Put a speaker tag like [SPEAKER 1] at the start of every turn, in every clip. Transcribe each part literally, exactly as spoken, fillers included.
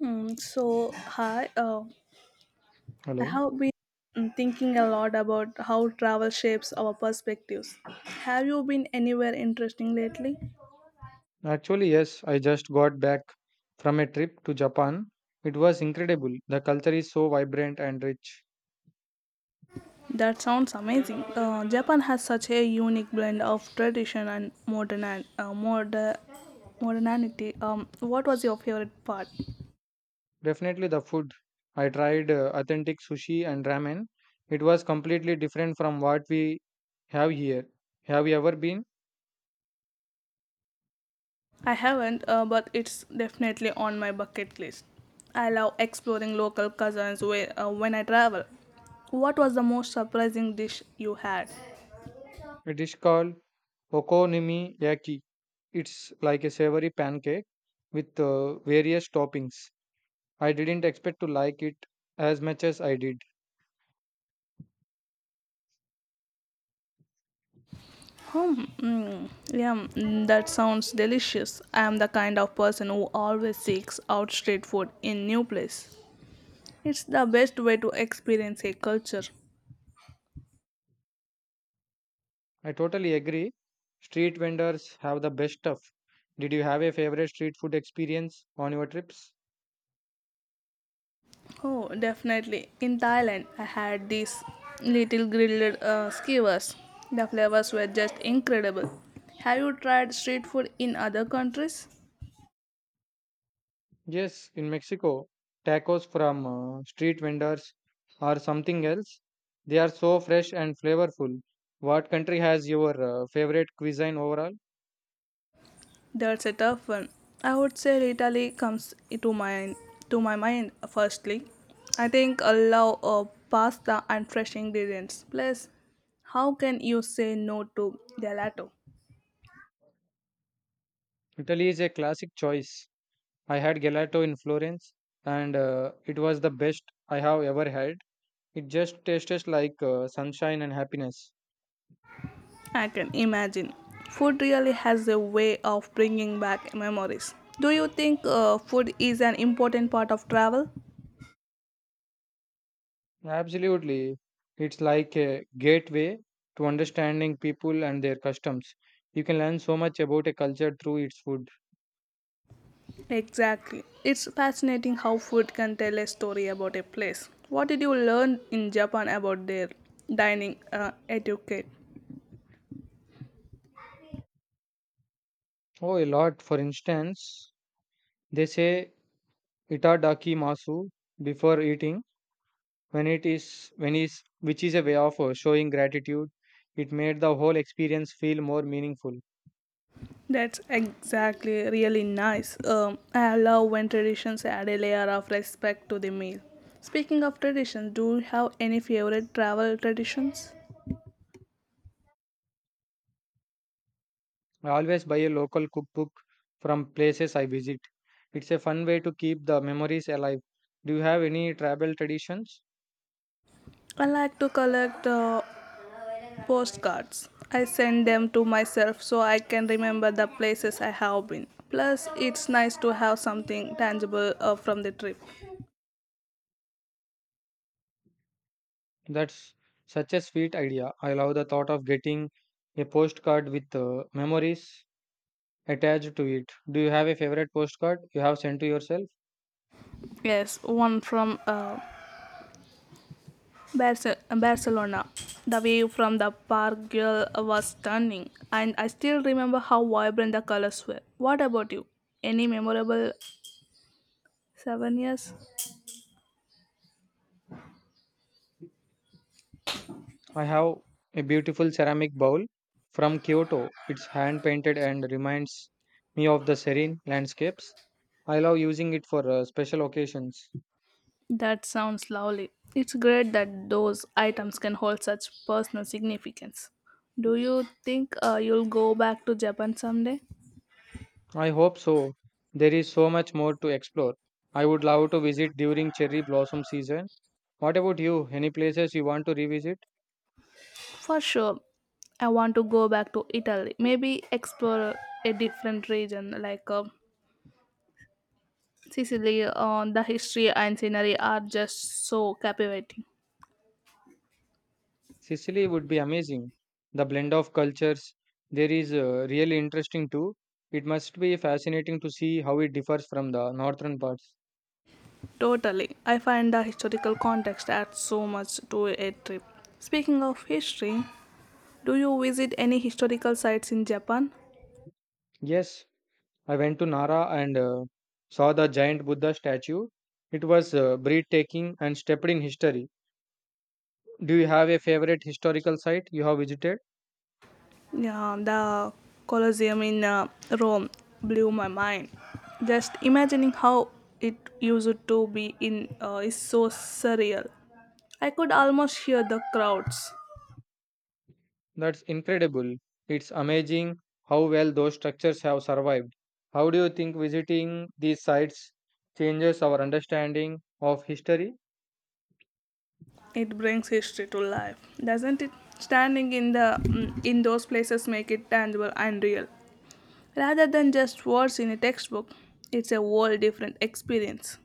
[SPEAKER 1] Mm, so, hi. Uh, I
[SPEAKER 2] Hello.
[SPEAKER 1] have been mm, thinking a lot about how travel shapes our perspectives. Have you been anywhere interesting lately?
[SPEAKER 2] Actually, yes, I just got back from a trip to Japan. It was incredible. The culture is so vibrant and rich.
[SPEAKER 1] That sounds amazing. Uh, Japan has such a unique blend of tradition and modern uh, moder- modernity. Um, what was your favorite part?
[SPEAKER 2] Definitely the food. I tried uh, authentic sushi and ramen. It was completely different from what we have here. Have you ever been?
[SPEAKER 1] I haven't, uh, but it's definitely on my bucket list. I love exploring local cuisines where, uh, when I travel. What was the most surprising dish you had?
[SPEAKER 2] It is called okonomiyaki. It's like a savory pancake with uh, various toppings. I didn't expect to like it as much as I did.
[SPEAKER 1] Hmm. mm, yeah, mm, that sounds delicious. I am the kind of person who always seeks out street food in new place. It's the best way to experience a culture.
[SPEAKER 2] I totally agree. Street vendors have the best stuff. Did you have a favorite street food experience on your trips?
[SPEAKER 1] Oh, definitely. In Thailand, I had these little grilled uh, skewers. The flavors were just incredible. Have you tried street food in other countries?
[SPEAKER 2] Yes, in Mexico, tacos from uh, street vendors are something else. They are so fresh and flavorful. What country has your uh, favorite cuisine overall?
[SPEAKER 1] That's a tough one. I would say Rita Lee comes to my to my mind firstly. I think allow uh, pasta and fresh ingredients. Plus, how can you say no to gelato?
[SPEAKER 2] Italy is a classic choice. I had gelato in Florence and uh, it was the best I have ever had. It just tastes like uh, sunshine and happiness.
[SPEAKER 1] I can imagine. Food really has a way of bringing back memories. Do you think uh, food is an important part of travel?
[SPEAKER 2] Absolutely. It's like a gateway to understanding people and their customs. You can learn so much about a culture through its food.
[SPEAKER 1] Exactly. It's fascinating how food can tell a story about a place. What did you learn in Japan about their dining uh, etiquette?
[SPEAKER 2] Oh, a lot. For instance, they say itadaki masu before eating, when it is when is which is a way of uh, showing gratitude. It made the whole experience feel more meaningful.
[SPEAKER 1] That's exactly really nice. Um, I love when traditions add a layer of respect to the meal. Speaking of traditions, do you have any favorite travel traditions?
[SPEAKER 2] I always buy a local cookbook from places I visit. It's a fun way to keep the memories alive. Do you have any tribal traditions?
[SPEAKER 1] I like to collect uh, postcards. I send them to myself so I can remember the places I have been. Plus, it's nice to have something tangible uh, from the trip.
[SPEAKER 2] That's such a sweet idea. I love the thought of getting a postcard with uh, memories attached to it. Do you have a favorite postcard you have sent to yourself?
[SPEAKER 1] Yes, one from uh, Barce- Barcelona. The view from the Park Güell was stunning, and I still remember how vibrant the colors were. What about you? Any memorable souvenirs?
[SPEAKER 2] I have a beautiful ceramic bowl from Kyoto. It's hand painted and reminds me of the serene landscapes. I love using it for uh, special occasions.
[SPEAKER 1] That sounds lovely. It's great that those items can hold such personal significance. Do you think uh, you'll go back to Japan someday?
[SPEAKER 2] I hope so. There is so much more to explore. I would love to visit during cherry blossom season. What about you? Any places you want to revisit?
[SPEAKER 1] For sure. I want to go back to Italy. Maybe explore a different region like uh, Sicily. Uh, the history and scenery are just so captivating.
[SPEAKER 2] Sicily would be amazing. The blend of cultures there is uh, really interesting too. It must be fascinating to see how it differs from the northern parts.
[SPEAKER 1] Totally. I find the historical context adds so much to a trip. Speaking of history, do you visit any historical sites in Japan?
[SPEAKER 2] Yes, I went to Nara and uh, saw the giant Buddha statue. It was uh, breathtaking and steeped in history. Do you have a favorite historical site you have visited?
[SPEAKER 1] Yeah, the Colosseum in uh, Rome blew my mind. Just imagining how it used to be in uh, is so surreal. I could almost hear the crowds.
[SPEAKER 2] That's incredible. It's amazing how well those structures have survived. How do you think visiting these sites changes our understanding of history?
[SPEAKER 1] It brings history to life, doesn't it? Standing in the mm, in those places make it tangible and real, rather than just words in a textbook. It's a whole different experience.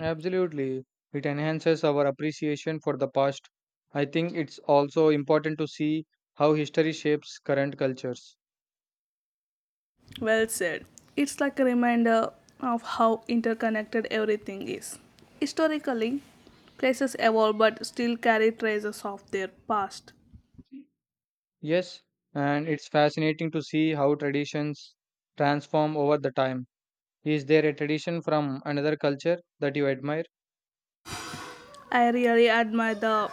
[SPEAKER 2] Absolutely. It enhances our appreciation for the past. I think it's also important to see how history shapes current cultures.
[SPEAKER 1] Well said. It's like a reminder of how interconnected everything is. Historically, places evolve but still carry traces of their past.
[SPEAKER 2] Yes, and it's fascinating to see how traditions transform over the time. Is there a tradition from another culture that you admire?
[SPEAKER 1] I really admire the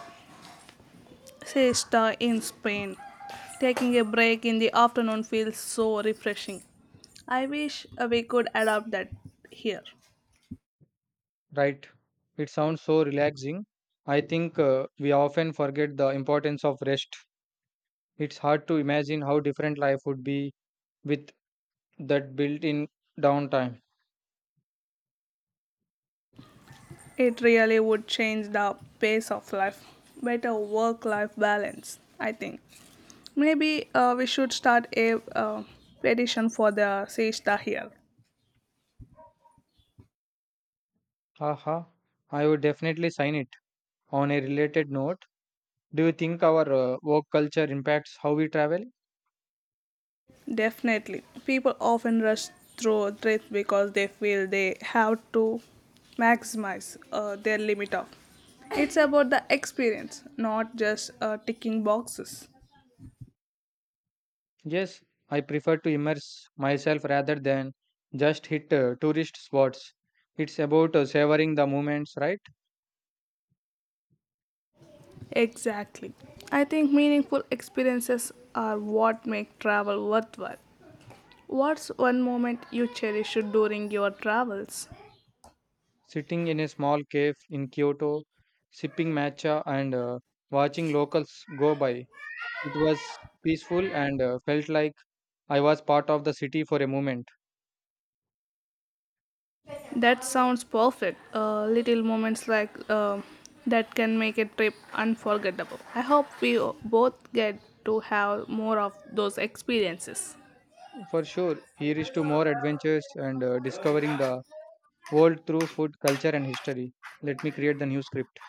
[SPEAKER 1] siesta in Spain. Taking a break in the afternoon feels so refreshing. I wish uh, we could adopt that here.
[SPEAKER 2] Right. It sounds so relaxing. I think uh, we often forget the importance of rest. It's hard to imagine how different life would be with that built in downtime.
[SPEAKER 1] It really would change the pace of life. Better work life balance, I think. Maybe uh, we should start a uh, petition for the siesta here.
[SPEAKER 2] Haha, I would definitely sign it. On a related note, do you think our uh, work culture impacts how we travel?
[SPEAKER 1] Definitely. People often rush through threats because they feel they have to maximize uh, their limit of. It's about the experience, not just uh, ticking boxes.
[SPEAKER 2] Yes, I prefer to immerse myself rather than just hit uh, tourist spots. It's about uh, savoring the moments, right?
[SPEAKER 1] Exactly. I think meaningful experiences are what make travel worthwhile. What's one moment you cherish during your travels?
[SPEAKER 2] Sitting in a small cave in Kyoto, sipping matcha and uh, watching locals go by. It was peaceful and uh, felt like I was part of the city for a moment.
[SPEAKER 1] That sounds perfect. Uh, little moments like uh, that can make a trip unforgettable. I hope we o- both get to have more of those experiences.
[SPEAKER 2] For sure, here is to more adventures and uh, discovering the world through food, culture, and history. Let me create the new script.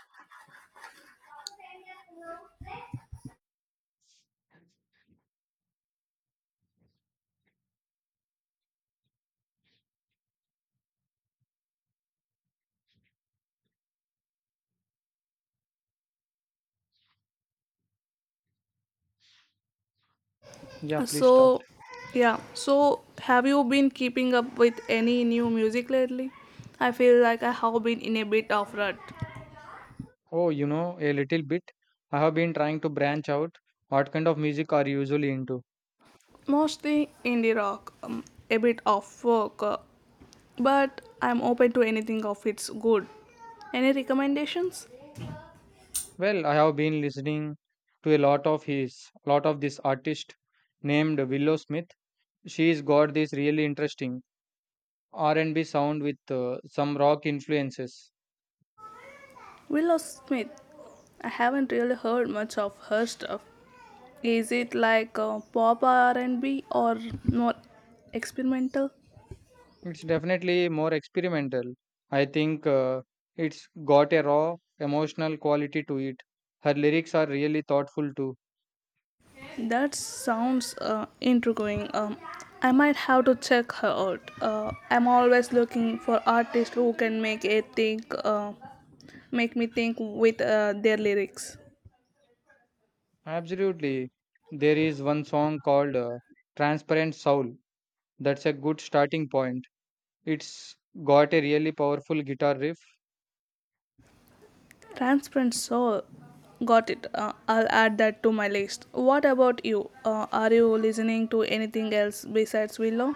[SPEAKER 2] Yeah,
[SPEAKER 1] Uh,
[SPEAKER 2] please start.
[SPEAKER 1] So, yeah. So, have you been keeping up with any new music lately? I feel like I have been in a bit of rut.
[SPEAKER 2] Oh, you know, a little bit. I have been trying to branch out. What kind of music are you usually into?
[SPEAKER 1] Mostly indie rock, um, a bit of folk, uh, but I'm open to anything of it's good. Any recommendations?
[SPEAKER 2] Well, I have been listening to a lot of his, lot of this artist named Willow Smith. She's got this really interesting R and B sound with uh, some rock influences.
[SPEAKER 1] Willow Smith. I haven't really heard much of her stuff. Is it like uh, pop R and B or more experimental?
[SPEAKER 2] It's definitely more experimental. I think uh, it's got a raw emotional quality to it. Her lyrics are really thoughtful too.
[SPEAKER 1] That sounds uh, intriguing. Um, I might have to check her out. Uh, I'm always looking for artists who can make it think, uh, make me think with uh, their lyrics.
[SPEAKER 2] Absolutely. There is one song called uh, Transparent Soul. That's a good starting point. It's got a really powerful guitar riff.
[SPEAKER 1] Transparent Soul. Got it. Uh, I'll add that to my list. What about you? Uh, are you listening to anything else besides Willow?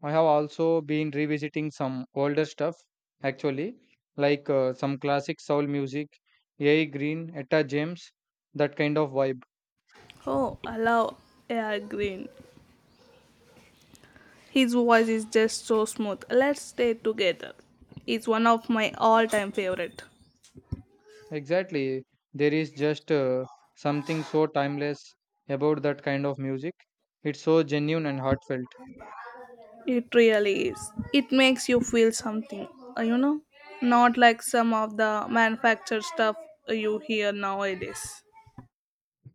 [SPEAKER 2] I have also been revisiting some older stuff, actually, like uh, some classic soul music, A. I. Green, Etta James, that kind of vibe.
[SPEAKER 1] Oh, allow air green. His voice is just so smooth. Let's stay together. It's one of my all-time favorite.
[SPEAKER 2] Exactly. There is just uh, something so timeless about that kind of music. It's so genuine and heartfelt.
[SPEAKER 1] It really is. It makes you feel something, uh, you know, not like some of the manufactured stuff you hear nowadays.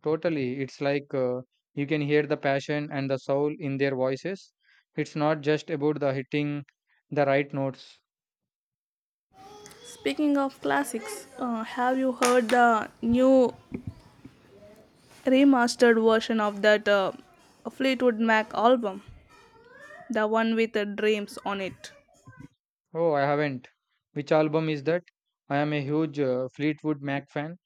[SPEAKER 2] Totally. It's like uh, you can hear the passion and the soul in their voices. It's not just about the hitting the right notes.
[SPEAKER 1] Speaking of classics, uh, have you heard the new remastered version of that uh, Fleetwood Mac album? The one with the dreams on it.
[SPEAKER 2] Oh, I haven't. Which album is that? I am a huge uh, Fleetwood Mac fan.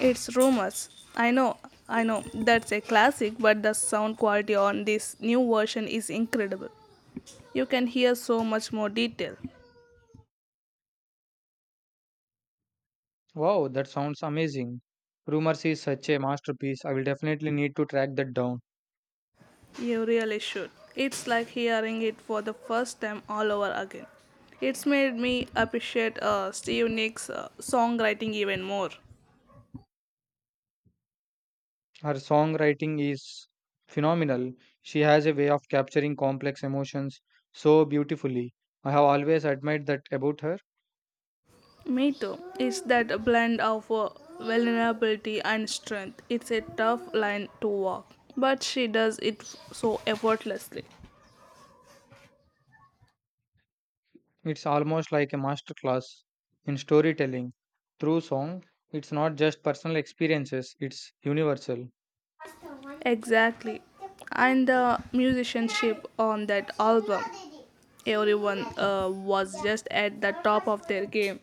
[SPEAKER 1] It's rumors. I know, I know, that's a classic, but the sound quality on this new version is incredible. You can hear so much more detail.
[SPEAKER 2] Wow, that sounds amazing. Rumors is such a masterpiece. I will definitely need to track that down.
[SPEAKER 1] You really should. It's like hearing it for the first time all over again. It's made me appreciate uh, Steve Nick's uh, songwriting even more.
[SPEAKER 2] Her songwriting is phenomenal. She has a way of capturing complex emotions so beautifully. I have always admired that about her.
[SPEAKER 1] Me too. It's that blend of uh, vulnerability and strength. It's a tough line to walk, but she does it so effortlessly.
[SPEAKER 2] It's almost like a master class in storytelling through song. It's not just personal experiences, it's universal.
[SPEAKER 1] Exactly. And the musicianship on that album. Everyone uh, was just at the top of their game.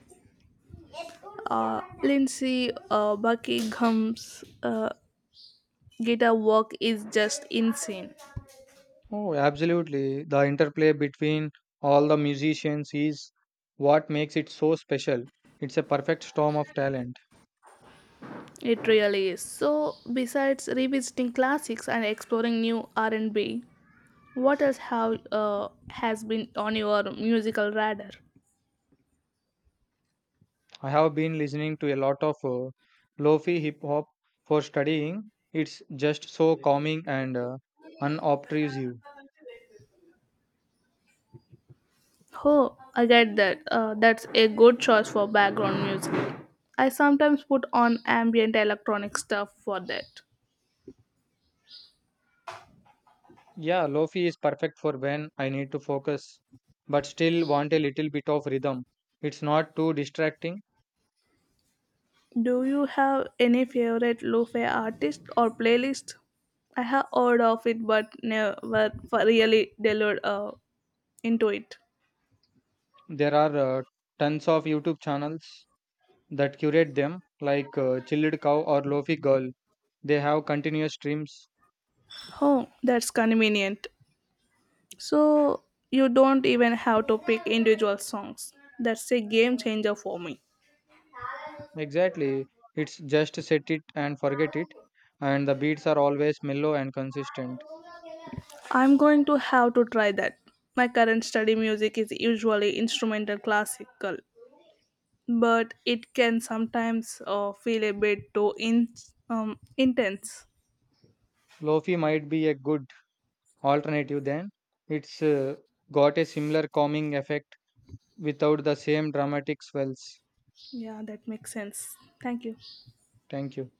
[SPEAKER 1] Uh, Lindsay uh, Buckingham's uh, guitar work is just insane.
[SPEAKER 2] Oh, absolutely. The interplay between all the musicians is what makes it so special. It's a perfect storm of talent.
[SPEAKER 1] It really is. So, besides revisiting classics and exploring new R and B, what else have uh, has been on your musical radar?
[SPEAKER 2] I have been listening to a lot of uh, lofi hip hop for studying. It's just so calming and uh, unobtrusive.
[SPEAKER 1] Oh, I get that. Uh, that's a good choice for background music. I sometimes put on ambient electronic stuff for that.
[SPEAKER 2] Yeah, Lofi is perfect for when I need to focus but still want a little bit of rhythm. It's not too distracting.
[SPEAKER 1] Do you have any favorite lo-fi artist or playlist? I have heard of it but never f- really delved uh, into it.
[SPEAKER 2] There are uh, tons of YouTube channels that curate them, like uh, Chilled Cow or Lofi Girl. They have continuous streams.
[SPEAKER 1] Oh, that's convenient. So you don't even have to pick individual songs. That's a game changer for me.
[SPEAKER 2] Exactly. It's just set it and forget it. And the beats are always mellow and consistent.
[SPEAKER 1] I'm going to have to try that. My current study music is usually instrumental classical, but it can sometimes uh, feel a bit too in, um, intense.
[SPEAKER 2] Lofi might be a good alternative then. It's uh, got a similar calming effect without the same dramatic swells.
[SPEAKER 1] Yeah, that makes sense. Thank you.
[SPEAKER 2] Thank you.